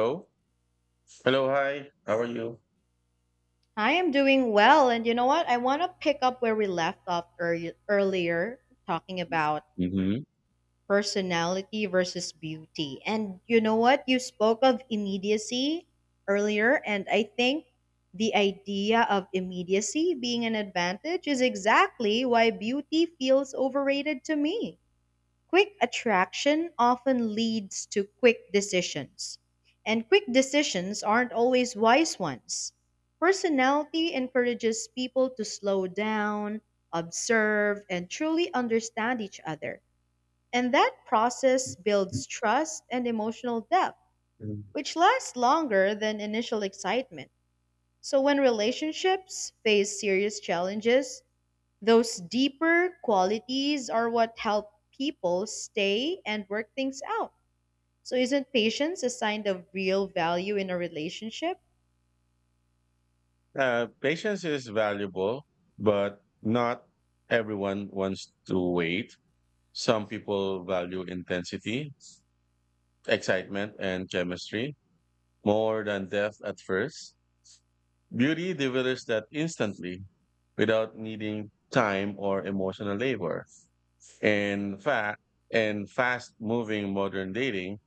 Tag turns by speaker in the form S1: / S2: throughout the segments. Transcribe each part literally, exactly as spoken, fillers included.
S1: Hello. Hello. Hi. How are you?
S2: I am doing well. And you know what? I want to pick up where we left off early, earlier, talking about
S1: Mm-hmm.
S2: personality versus beauty. And you know what? You spoke of immediacy earlier, and I think the idea of immediacy being an advantage is exactly why beauty feels overrated to me. Quick attraction often leads to quick decisions. And quick decisions aren't always wise ones. Personality encourages people to slow down, observe, and truly understand each other. And that process builds trust and emotional depth,
S1: Mm.
S2: which lasts longer than initial excitement. So, when relationships face serious challenges, those deeper qualities are what help people stay and work things out. So, isn't patience a sign of real value in a relationship?
S1: Uh, patience is valuable, but not everyone wants to wait. Some people value intensity, excitement, and chemistry more than depth at first. Beauty delivers that instantly without needing time or emotional labor. In fact, in fast moving modern dating,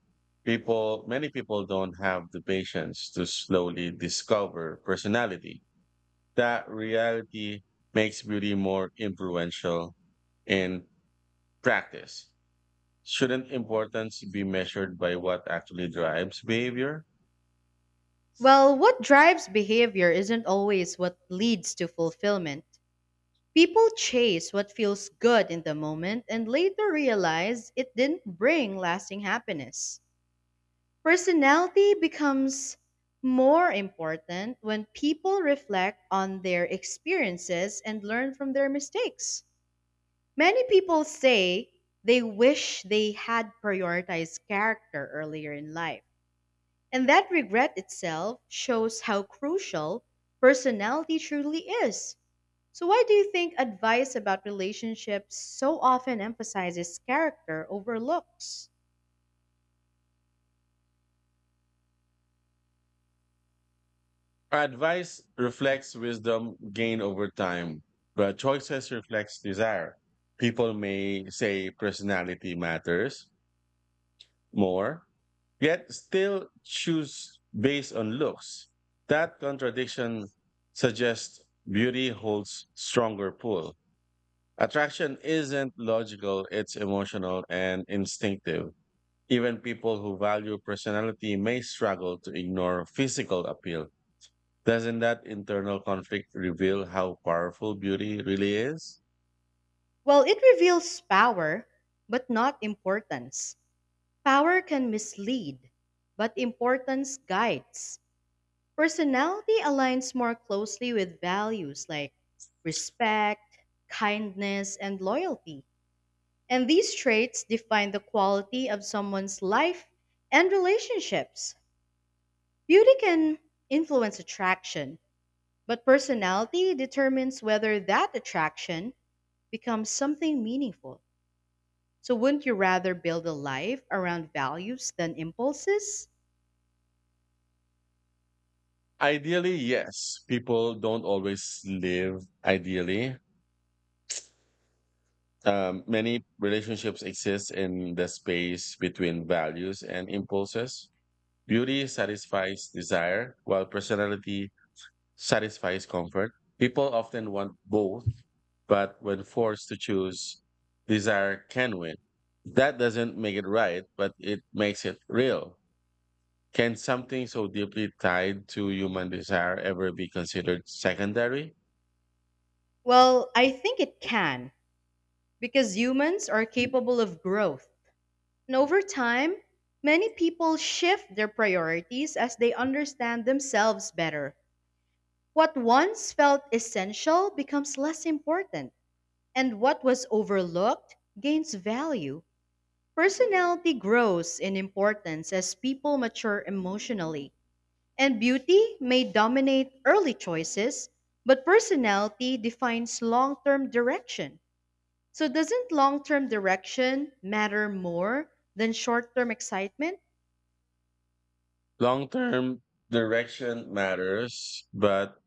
S1: People, many people don't have the patience to slowly discover personality. That reality makes beauty more influential in practice. Shouldn't importance be measured by what actually drives behavior?
S2: Well, what drives behavior isn't always what leads to fulfillment. People chase what feels good in the moment and later realize it didn't bring lasting happiness. Personality becomes more important when people reflect on their experiences and learn from their mistakes. Many people say they wish they had prioritized character earlier in life. And that regret itself shows how crucial personality truly is. So, why do you think advice about relationships so often emphasizes character over looks?
S1: Our advice reflects wisdom gained over time, but choices reflects desire. People may say personality matters more, yet still choose based on looks. That contradiction suggests beauty holds stronger pull. Attraction isn't logical, it's emotional and instinctive. Even people who value personality may struggle to ignore physical appeal. Doesn't that internal conflict reveal how powerful beauty really is?
S2: Well, it reveals power, but not importance. Power can mislead, but importance guides. Personality aligns more closely with values like respect, kindness, and loyalty. And these traits define the quality of someone's life and relationships. Beauty can influence attraction, but personality determines whether that attraction becomes something meaningful. So, wouldn't you rather build a life around values than impulses?
S1: Ideally, yes. People don't always live ideally. Um, many relationships exist in the space between values and impulses. Beauty satisfies desire, while personality satisfies comfort. People often want both, but when forced to choose, desire can win. That doesn't make it right, but it makes it real. Can something so deeply tied to human desire ever be considered secondary?
S2: Well, I think it can, because humans are capable of growth. And over time, many people shift their priorities as they understand themselves better. What once felt essential becomes less important, and what was overlooked gains value. Personality grows in importance as people mature emotionally, and beauty may dominate early choices, but personality defines long term direction. So, doesn't long term direction matter more than short term excitement?
S1: Long term direction matters, but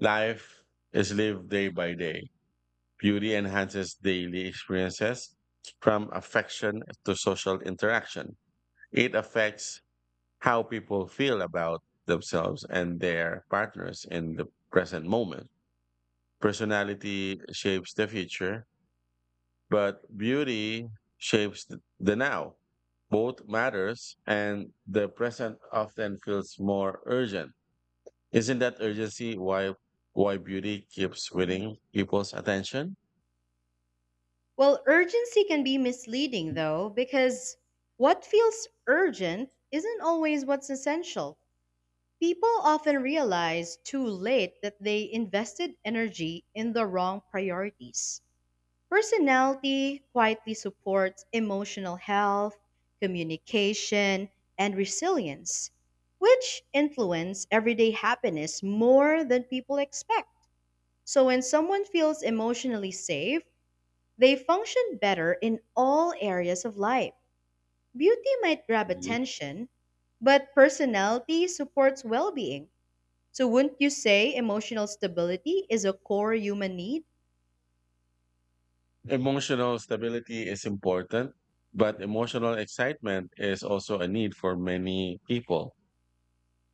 S1: life is lived day by day. Beauty enhances daily experiences from affection to social interaction. It affects how people feel about themselves and their partners in the present moment. Personality shapes the future, but beauty shapes th- the now. Both matters, and the present often feels more urgent. Isn't that urgency why why beauty keeps winning people's attention?
S2: Well, urgency can be misleading though, because what feels urgent isn't always what's essential. People often realize too late that they invested energy in the wrong priorities. Personality quietly supports emotional health, communication, and resilience, which influence everyday happiness more than people expect. So when someone feels emotionally safe, they function better in all areas of life. Beauty might grab
S1: Mhm.
S2: attention, but personality supports well being. So, wouldn't you say emotional stability is a core human need?
S1: Emotional stability is important, but emotional excitement is also a need for many people.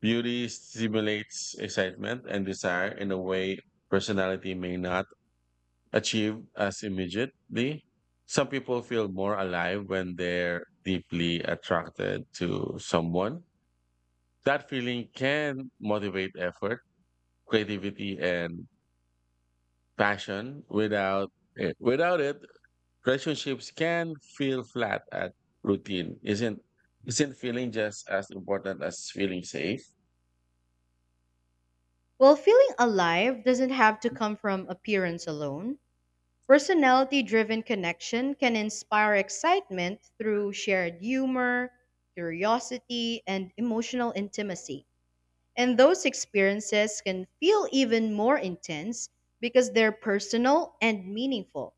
S1: Beauty stimulates excitement and desire in a way personality may not achieve as immediately. Some people feel more alive when they're deeply attracted to someone. That feeling can motivate effort, creativity, and passion. Without it, without it, relationships can feel flat at routine. Isn't isn't feeling just as important as feeling safe?
S2: Well, feeling alive doesn't have to come from appearance alone. Personality driven connection can inspire excitement through shared humor, curiosity, and emotional intimacy. And those experiences can feel even more intense because they're personal and meaningful.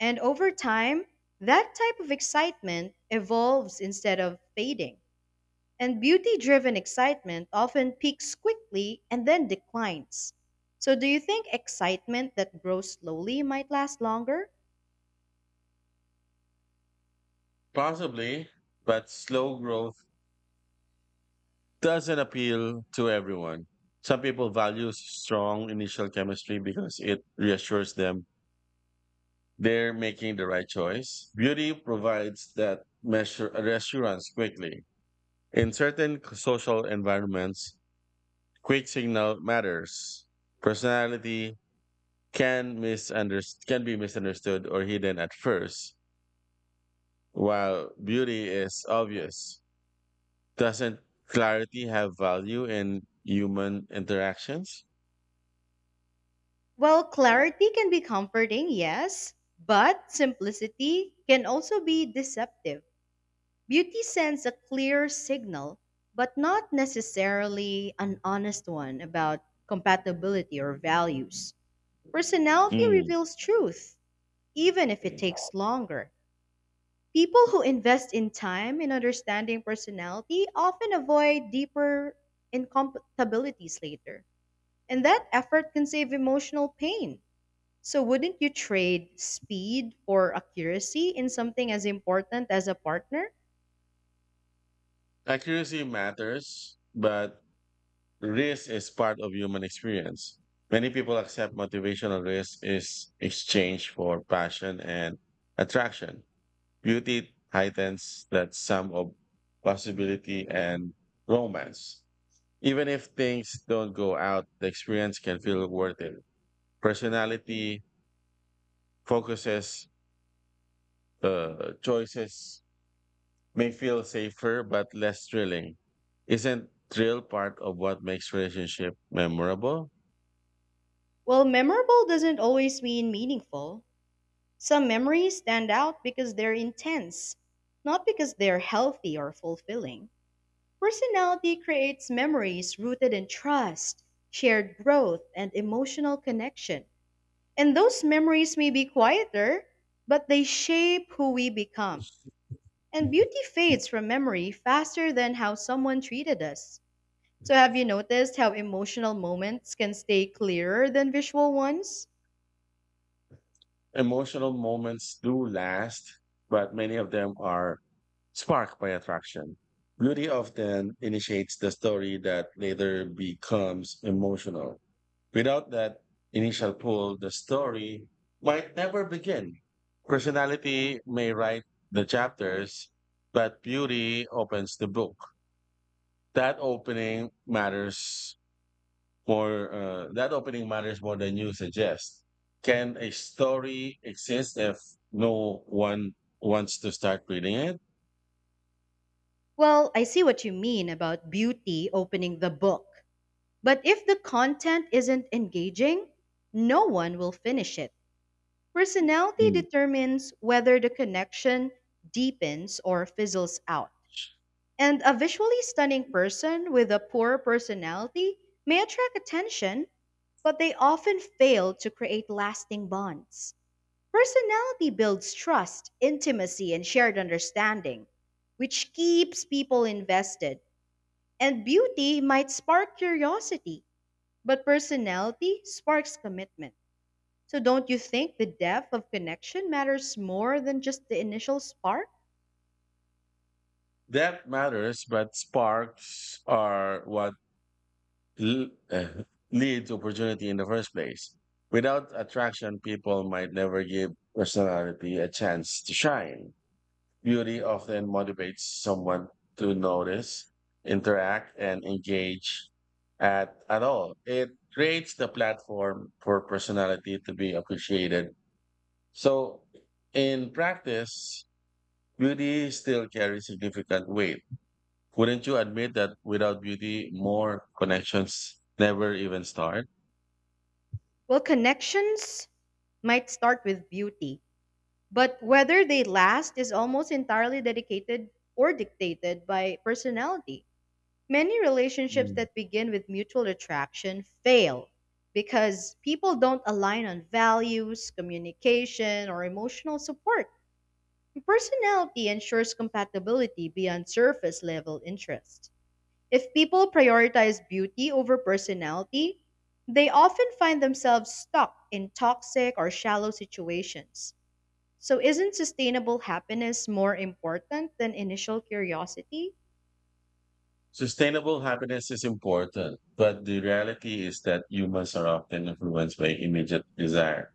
S2: And over time, that type of excitement evolves instead of fading. And beauty driven excitement often peaks quickly and then declines. So, do you think excitement that grows slowly might last longer?
S1: Possibly, but slow growth doesn't appeal to everyone. Some people value strong initial chemistry because it reassures them they're making the right choice. Beauty provides that measure reassurance quickly. In certain social environments, quick signal matters. Personality can misunderst- can be misunderstood or hidden at first, while beauty is obvious. Doesn't clarity have value in human interactions?
S2: Well, clarity can be comforting, yes, but simplicity can also be deceptive. Beauty sends a clear signal, but not necessarily an honest one about compatibility or values. Personality
S1: Mm.
S2: reveals truth, even if it takes longer. People who invest in time in understanding personality often avoid deeper incompatibilities later. And that effort can save emotional pain. So, wouldn't you trade speed for accuracy in something as important as a partner?
S1: Accuracy matters, but risk is part of human experience. Many people accept motivational risk is exchange for passion and attraction. Beauty heightens that sum of possibility and romance. Even if things don't go out, the experience can feel worth it. Personality focuses, uh, choices may feel safer but less thrilling. Isn't thrill part of what makes relationship memorable?
S2: Well, memorable doesn't always mean meaningful. Some memories stand out because they're intense, not because they're healthy or fulfilling. Personality creates memories rooted in trust, shared growth, and emotional connection. And those memories may be quieter, but they shape who we become. And beauty fades from memory faster than how someone treated us. So, have you noticed how emotional moments can stay clearer than visual ones?
S1: Emotional moments do last, but many of them are sparked by attraction. Beauty often initiates the story that later becomes emotional. Without that initial pull, the story might never begin. Personality may write the chapters, but beauty opens the book. That opening matters more uh, that opening matters more than you suggest. Can a story exist if no one wants to start reading it?
S2: Well, I see what you mean about beauty opening the book. But if the content isn't engaging, no one will finish it. Personality
S1: Mm.
S2: determines whether the connection deepens or fizzles out. And a visually stunning person with a poor personality may attract attention, but they often fail to create lasting bonds. Personality builds trust, intimacy, and shared understanding, which keeps people invested, and beauty might spark curiosity, but personality sparks commitment. So, don't you think the depth of connection matters more than just the initial spark?
S1: That matters, but sparks are what l- uh, leads opportunity in the first place. Without attraction, people might never give personality a chance to shine. Beauty often motivates someone to notice, interact, and engage at, at all. It creates the platform for personality to be appreciated. So, in practice, beauty still carries significant weight. Wouldn't you admit that without beauty, more connections never even start?
S2: Well, connections might start with beauty, but whether they last is almost entirely dedicated or dictated by personality. Many relationships
S1: Mm.
S2: that begin with mutual attraction fail because people don't align on values, communication, or emotional support. Personality ensures compatibility beyond surface level interest. If people prioritize beauty over personality, they often find themselves stuck in toxic or shallow situations. So, isn't sustainable happiness more important than initial curiosity?
S1: Sustainable happiness is important, but the reality is that humans are often influenced by immediate desire.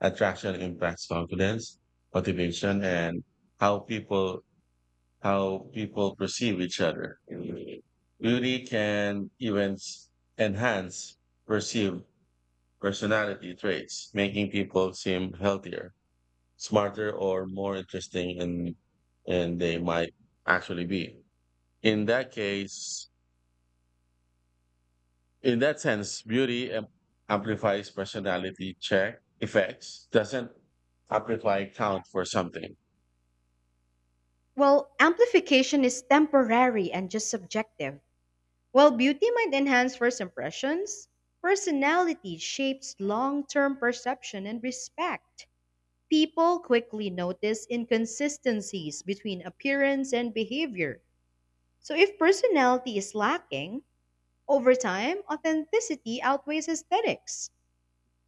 S1: Attraction impacts confidence, motivation, and how people how people perceive each other. Beauty can even s- enhance perceived personality traits, making people seem healthier, smarter, or more interesting in, than they might actually be. In that case, In that sense, beauty am- amplifies personality check effects, doesn't amplify count for something.
S2: Well, amplification is temporary and just subjective. While beauty might enhance first impressions, personality shapes long term perception and respect. People quickly notice inconsistencies between appearance and behavior. So, if personality is lacking, over time, authenticity outweighs aesthetics.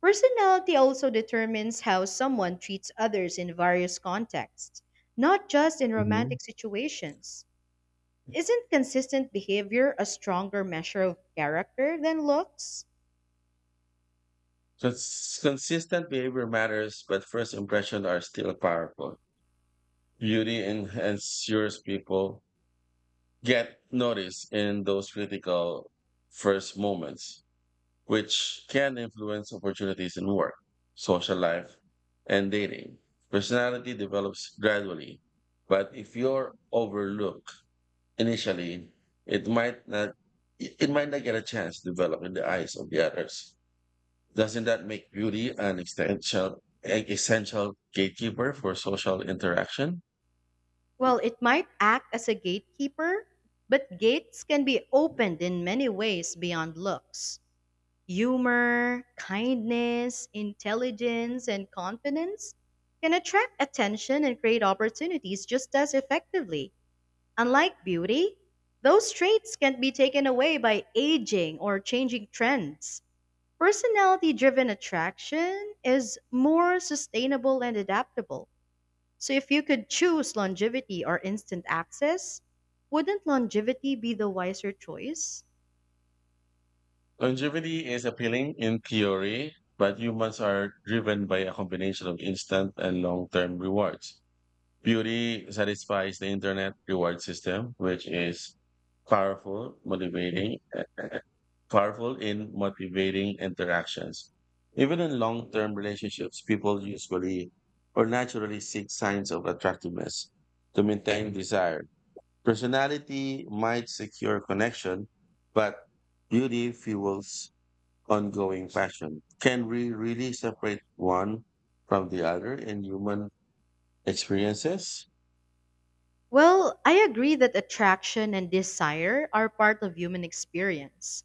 S2: Personality also determines how someone treats others in various contexts, not just in
S1: Hmm.
S2: romantic situations. Isn't consistent behavior a stronger measure of character than looks?
S1: Cons- consistent behavior matters, but first impressions are still powerful. Beauty en- ensures people get noticed in those critical first moments, which can influence opportunities in work, social life, and dating. Personality develops gradually, but if you're overlooked initially, it might not it might not get a chance to develop in the eyes of the others. Doesn't that make beauty an essential an essential gatekeeper for social interaction?
S2: Well, it might act as a gatekeeper, but gates can be opened in many ways beyond looks. Humor, kindness, intelligence, and confidence can attract attention and create opportunities just as effectively. Unlike beauty, those traits can not be taken away by aging or changing trends. Personality driven attraction is more sustainable and adaptable. So, if you could choose longevity or instant access, wouldn't longevity be the wiser choice?
S1: Longevity is appealing in theory, but humans are driven by a combination of instant and long term rewards. Beauty satisfies the internet reward system, which is powerful, motivating, eh, powerful in motivating interactions. Even in long term relationships, people usually or naturally seek signs of attractiveness to maintain desire. Personality might secure connection, but beauty fuels ongoing passion. Can we really separate one from the other in human experiences?
S2: Well, I agree that attraction and desire are part of human experience.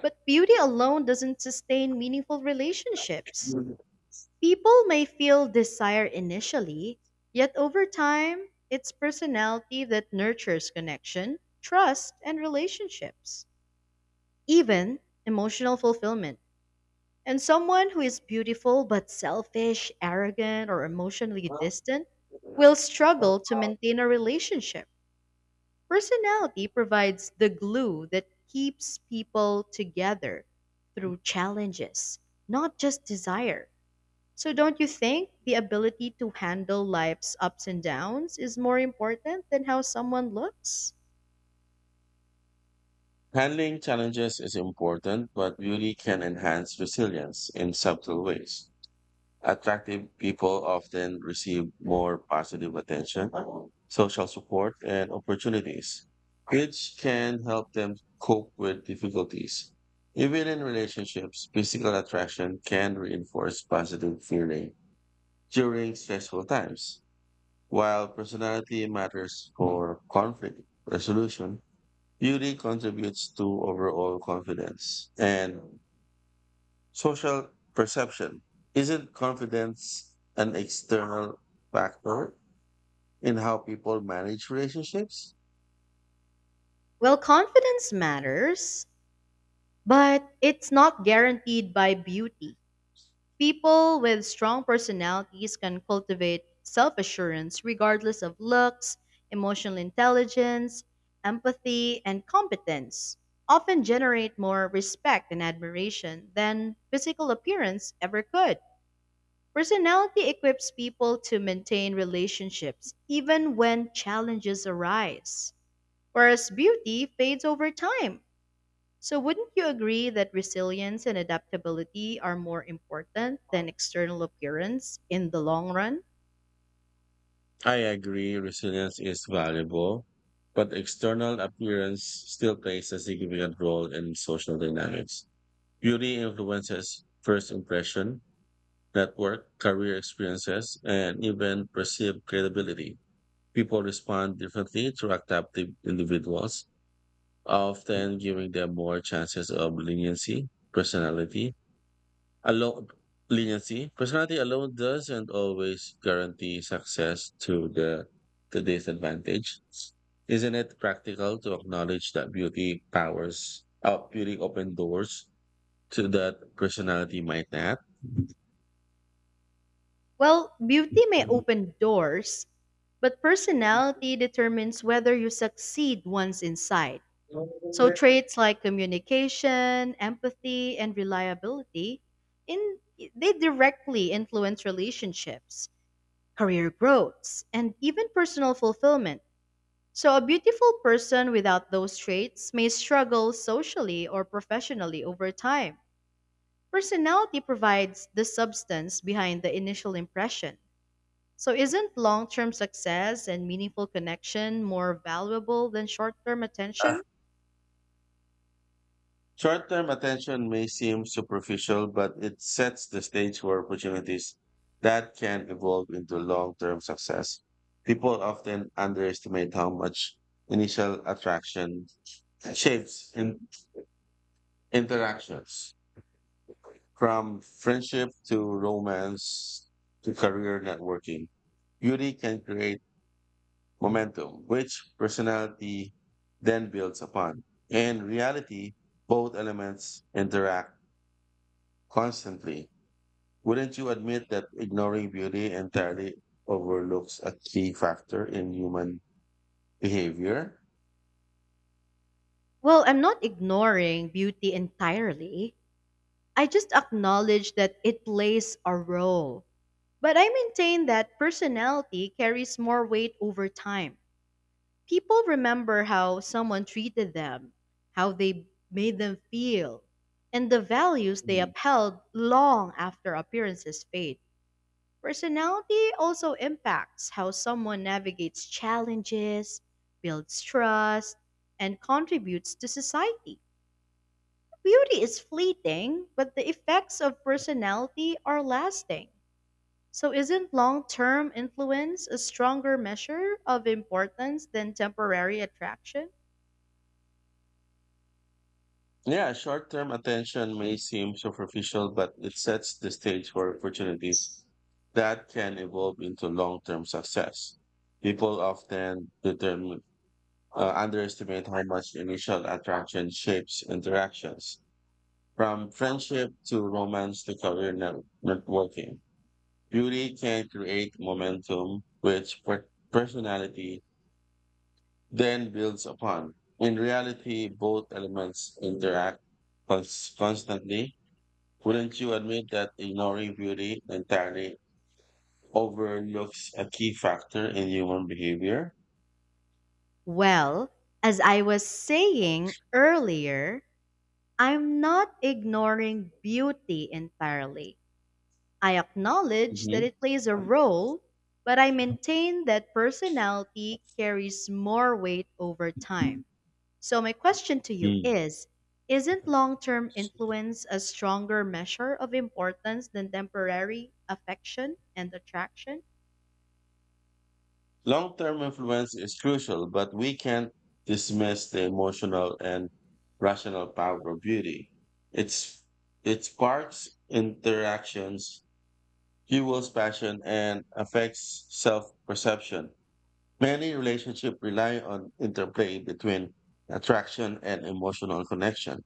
S2: But beauty alone doesn't sustain meaningful relationships. People may feel desire initially, yet over time, it's personality that nurtures connection, trust, and relationships, even emotional fulfillment. And someone who is beautiful but selfish, arrogant, or emotionally distant will struggle to maintain a relationship. Personality provides the glue that keeps people together through challenges, not just desire. So, don't you think the ability to handle life's ups and downs is more important than how someone looks?
S1: Handling challenges is important, but beauty can enhance resilience in subtle ways. Attractive people often receive more positive attention, social support, and opportunities, which can help them cope with difficulties. Even in relationships, physical attraction can reinforce positive feeling during stressful times, while personality matters for conflict resolution. Beauty contributes to overall confidence and social perception. Isn't confidence an external factor in how people manage relationships?
S2: Well, confidence matters, but it's not guaranteed by beauty. People with strong personalities can cultivate self assurance regardless of looks. Emotional intelligence, empathy, and competence often generate more respect and admiration than physical appearance ever could. Personality equips people to maintain relationships even when challenges arise, whereas beauty fades over time. So, wouldn't you agree that resilience and adaptability are more important than external appearance in the long run?
S1: I agree, resilience is valuable, but external appearance still plays a significant role in social dynamics. Beauty influences first impression, network, career experiences, and even perceived credibility. People respond differently to adaptive individuals, often giving them more chances of leniency, personality. Alone, leniency, personality alone doesn't always guarantee success to the to disadvantage. Isn't it practical to acknowledge that beauty powers, uh, beauty open doors to that personality might not?
S2: Well, beauty may open doors, but personality determines whether you succeed once inside. So, traits like communication, empathy, and reliability in they directly influence relationships, career growths, and even personal fulfillment. So, a beautiful person without those traits may struggle socially or professionally over time. Personality provides the substance behind the initial impression. So, isn't long term success and meaningful connection more valuable than short term attention?
S1: Short term attention may seem superficial, but it sets the stage for opportunities that can evolve into long term success. People often underestimate how much initial attraction shapes in interactions, from friendship to romance to career networking. Beauty can create momentum, which personality then builds upon. In reality, both elements interact constantly. Wouldn't you admit that ignoring beauty entirely overlooks a key factor in human behavior?
S2: Well, I'm not ignoring beauty entirely. I just acknowledge that it plays a role. But I maintain that personality carries more weight over time. People remember how someone treated them, how they made them feel, and the values they
S1: Mm.
S2: upheld long after appearances fade. Personality also impacts how someone navigates challenges, builds trust, and contributes to society. Beauty is fleeting, but the effects of personality are lasting. So, isn't long term influence a stronger measure of importance than temporary attraction?
S1: Yeah, short term attention may seem superficial, but it sets the stage for opportunities that can evolve into long term success. People often determine, uh, underestimate how much initial attraction shapes interactions, from friendship to romance to career net- networking. Beauty can create momentum, which per- personality then builds upon. In reality, both elements interact cons- constantly. Wouldn't you admit that ignoring beauty entirely overlooks a key factor in human behavior?
S2: Well, as I was saying earlier, I'm not ignoring beauty entirely. I acknowledge that it plays a role, but I maintain that personality carries more weight over time.
S1: Mm-hmm.
S2: So, my question to you is, isn't long term influence a stronger measure of importance than temporary affection and attraction?
S1: Long term influence is crucial, but we can't dismiss the emotional and rational power of beauty. It's, it sparks interactions, fuels passion, and affects self perception. Many relationships rely on interplay between attraction and emotional connection.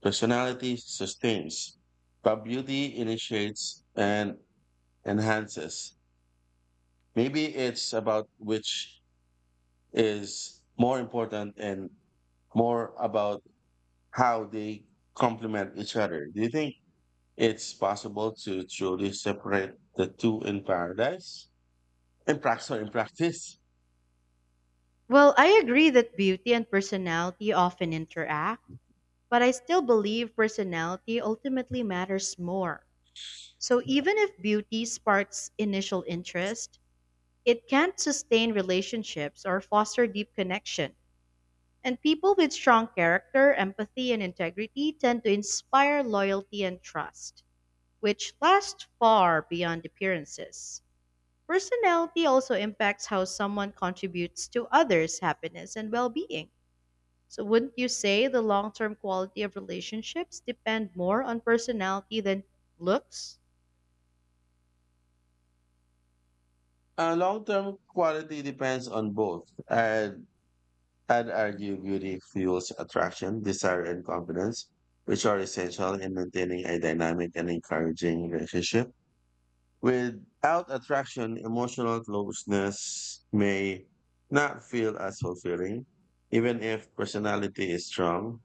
S1: Personality sustains, but beauty initiates and enhances. Maybe it's about which is more important and more about how they complement each other. Do you think it's possible to truly separate the two in paradise? In practice or in practice?
S2: Well, I agree that beauty and personality often interact. But I still believe personality ultimately matters more. So even if beauty sparks initial interest, it can't sustain relationships or foster deep connection. And people with strong character, empathy, and integrity tend to inspire loyalty and trust, which lasts far beyond appearances. Personality also impacts how someone contributes to others' happiness and well being. So, wouldn't you say the long-term quality of relationships depend more on personality than looks?
S1: Uh, long-term quality depends on both. And I'd argue beauty fuels attraction, desire, and confidence, which are essential in maintaining a dynamic and encouraging relationship. Without attraction, emotional closeness may not feel as fulfilling, even if personality is strong.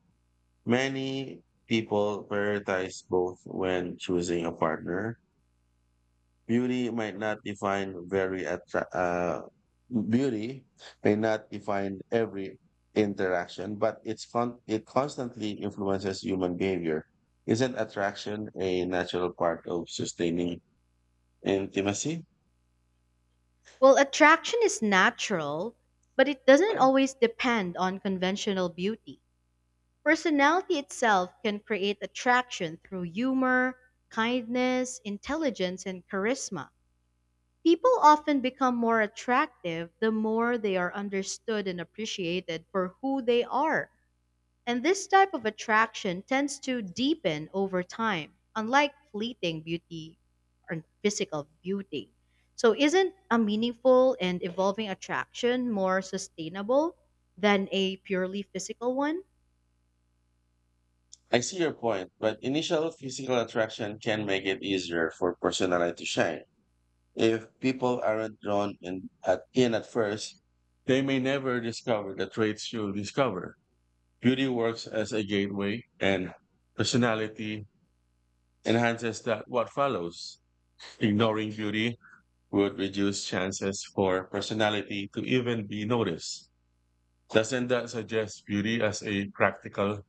S1: Many people prioritize both when choosing a partner. Beauty might not define very attra- uh, beauty may not define every interaction, but it's con- it constantly influences human behavior. Isn't attraction a natural part of sustaining intimacy?
S2: Well, attraction is natural, but it doesn't always depend on conventional beauty. Personality itself can create attraction through humor, kindness, intelligence, and charisma. People often become more attractive the more they are understood and appreciated for who they are. And this type of attraction tends to deepen over time, unlike fleeting beauty or physical beauty. So, isn't a meaningful and evolving attraction more sustainable than a purely physical one?
S1: I see your point, but initial physical attraction can make it easier for personality to shine. If people aren't drawn in at, in at first, they may never discover the traits you'll discover. Beauty works as a gateway, and personality enhances that what follows. Ignoring beauty would reduce chances for personality to even be noticed. Doesn't that suggest beauty as a practical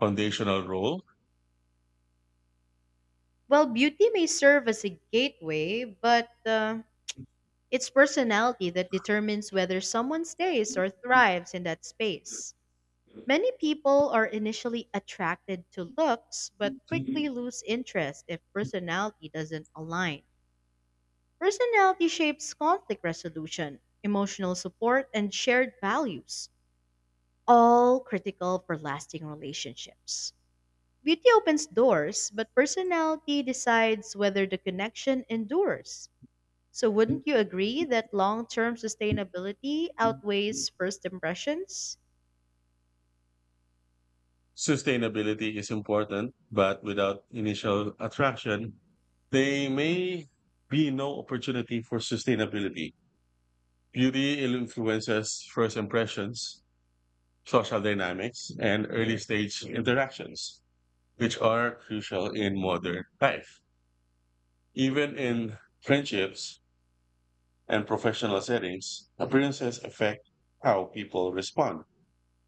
S1: foundational role?
S2: Well, beauty may serve as a gateway, but uh, it's personality that determines whether someone stays or thrives in that space. Many people are initially attracted to looks, but quickly lose interest if personality doesn't align. Personality shapes conflict resolution, emotional support, and shared values, all critical for lasting relationships. Beauty opens doors, but personality decides whether the connection endures. So, wouldn't you agree that long term sustainability outweighs first impressions?
S1: Sustainability is important, but without initial attraction, there may be no opportunity for sustainability. Beauty influences first impressions, social dynamics, and early stage interactions, which are crucial in modern life. Even in friendships and professional settings, appearances affect how people respond.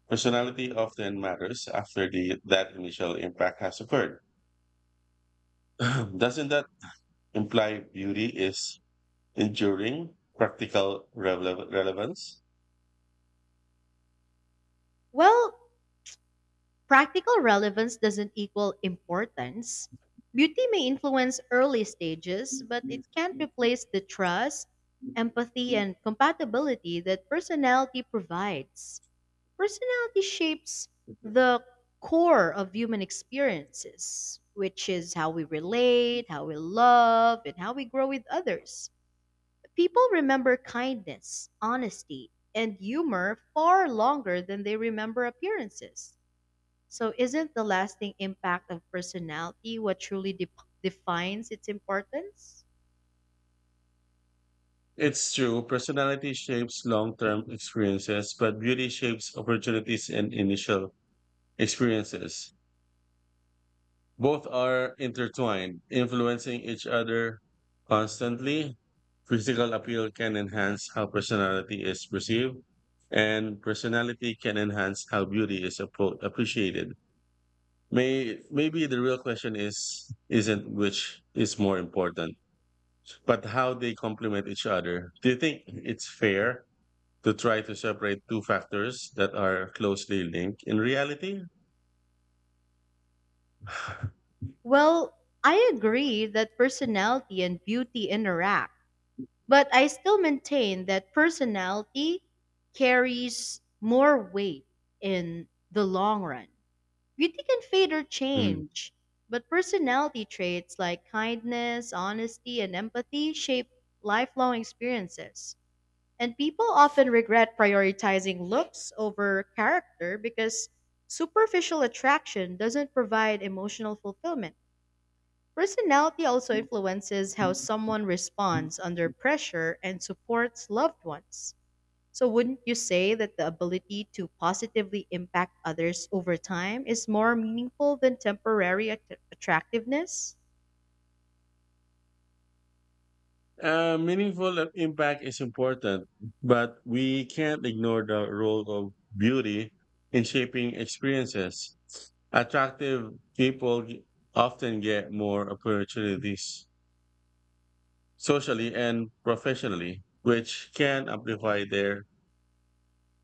S1: Personality often matters after the, that initial impact has occurred. Doesn't that imply beauty is enduring practical rele- relevance?
S2: Well, practical relevance doesn't equal importance. Beauty may influence early stages, but it can't replace the trust, empathy, and compatibility that personality provides. Personality shapes the core of human experiences, which is how we relate, how we love, and how we grow with others. People remember kindness, honesty, and humor far longer than they remember appearances. So, isn't the lasting impact of personality what truly de- defines its importance?
S1: It's true, personality shapes long term experiences, but beauty shapes opportunities and initial experiences. Both are intertwined, influencing each other constantly. Physical appeal can enhance how personality is perceived, and personality can enhance how beauty is appro- appreciated. May maybe the real question is isn't which is more important, but how they complement each other. Do you think it's fair to try to separate two factors that are closely linked in reality?
S2: Well, I agree that personality and beauty interact, but I still maintain that personality carries more weight in the long run. Beauty can fade or
S1: Mm.
S2: change, but personality traits like kindness, honesty, and empathy shape lifelong experiences. And people often regret prioritizing looks over character because superficial attraction doesn't provide emotional fulfillment. Personality also influences how someone responds under pressure and supports loved ones. So, wouldn't you say that the ability to positively impact others over time is more meaningful than temporary att- attractiveness?
S1: Uh, meaningful impact is important, but we can't ignore the role of beauty in shaping experiences. Attractive people often get more opportunities socially and professionally, which can amplify their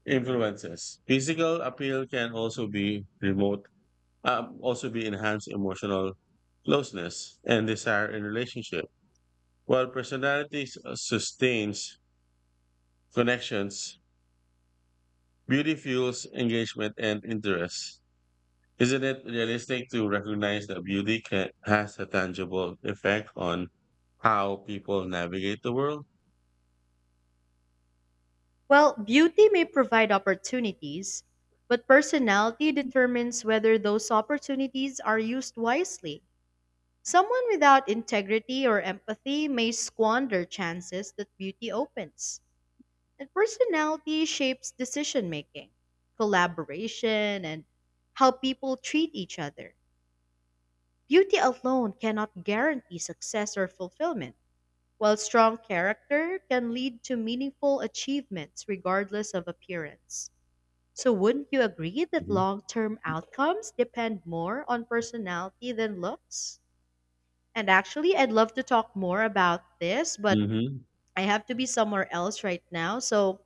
S1: influences. Physical appeal can also be remote, um, also be enhanced emotional closeness and desire in relationship. While personality s- uh, sustains connections, beauty fuels engagement and interest. Isn't it realistic to recognize that beauty can, has a tangible effect on how people navigate the world?
S2: Well, beauty may provide opportunities, but personality determines whether those opportunities are used wisely. Someone without integrity or empathy may squander chances that beauty opens. And personality shapes decision making, collaboration, and how people treat each other. Beauty alone cannot guarantee success or fulfillment, while strong character can lead to meaningful achievements regardless of appearance. So, wouldn't you agree that
S1: Hmm.
S2: long term outcomes depend more on personality than looks? And actually, I'd love to talk more about this, but
S1: Hmm.
S2: I have to be somewhere else right now. So,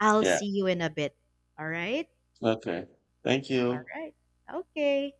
S2: I'll
S1: Yeah.
S2: see you in a bit. All right?
S1: Okay. Thank
S2: All
S1: you.
S2: right. Okay.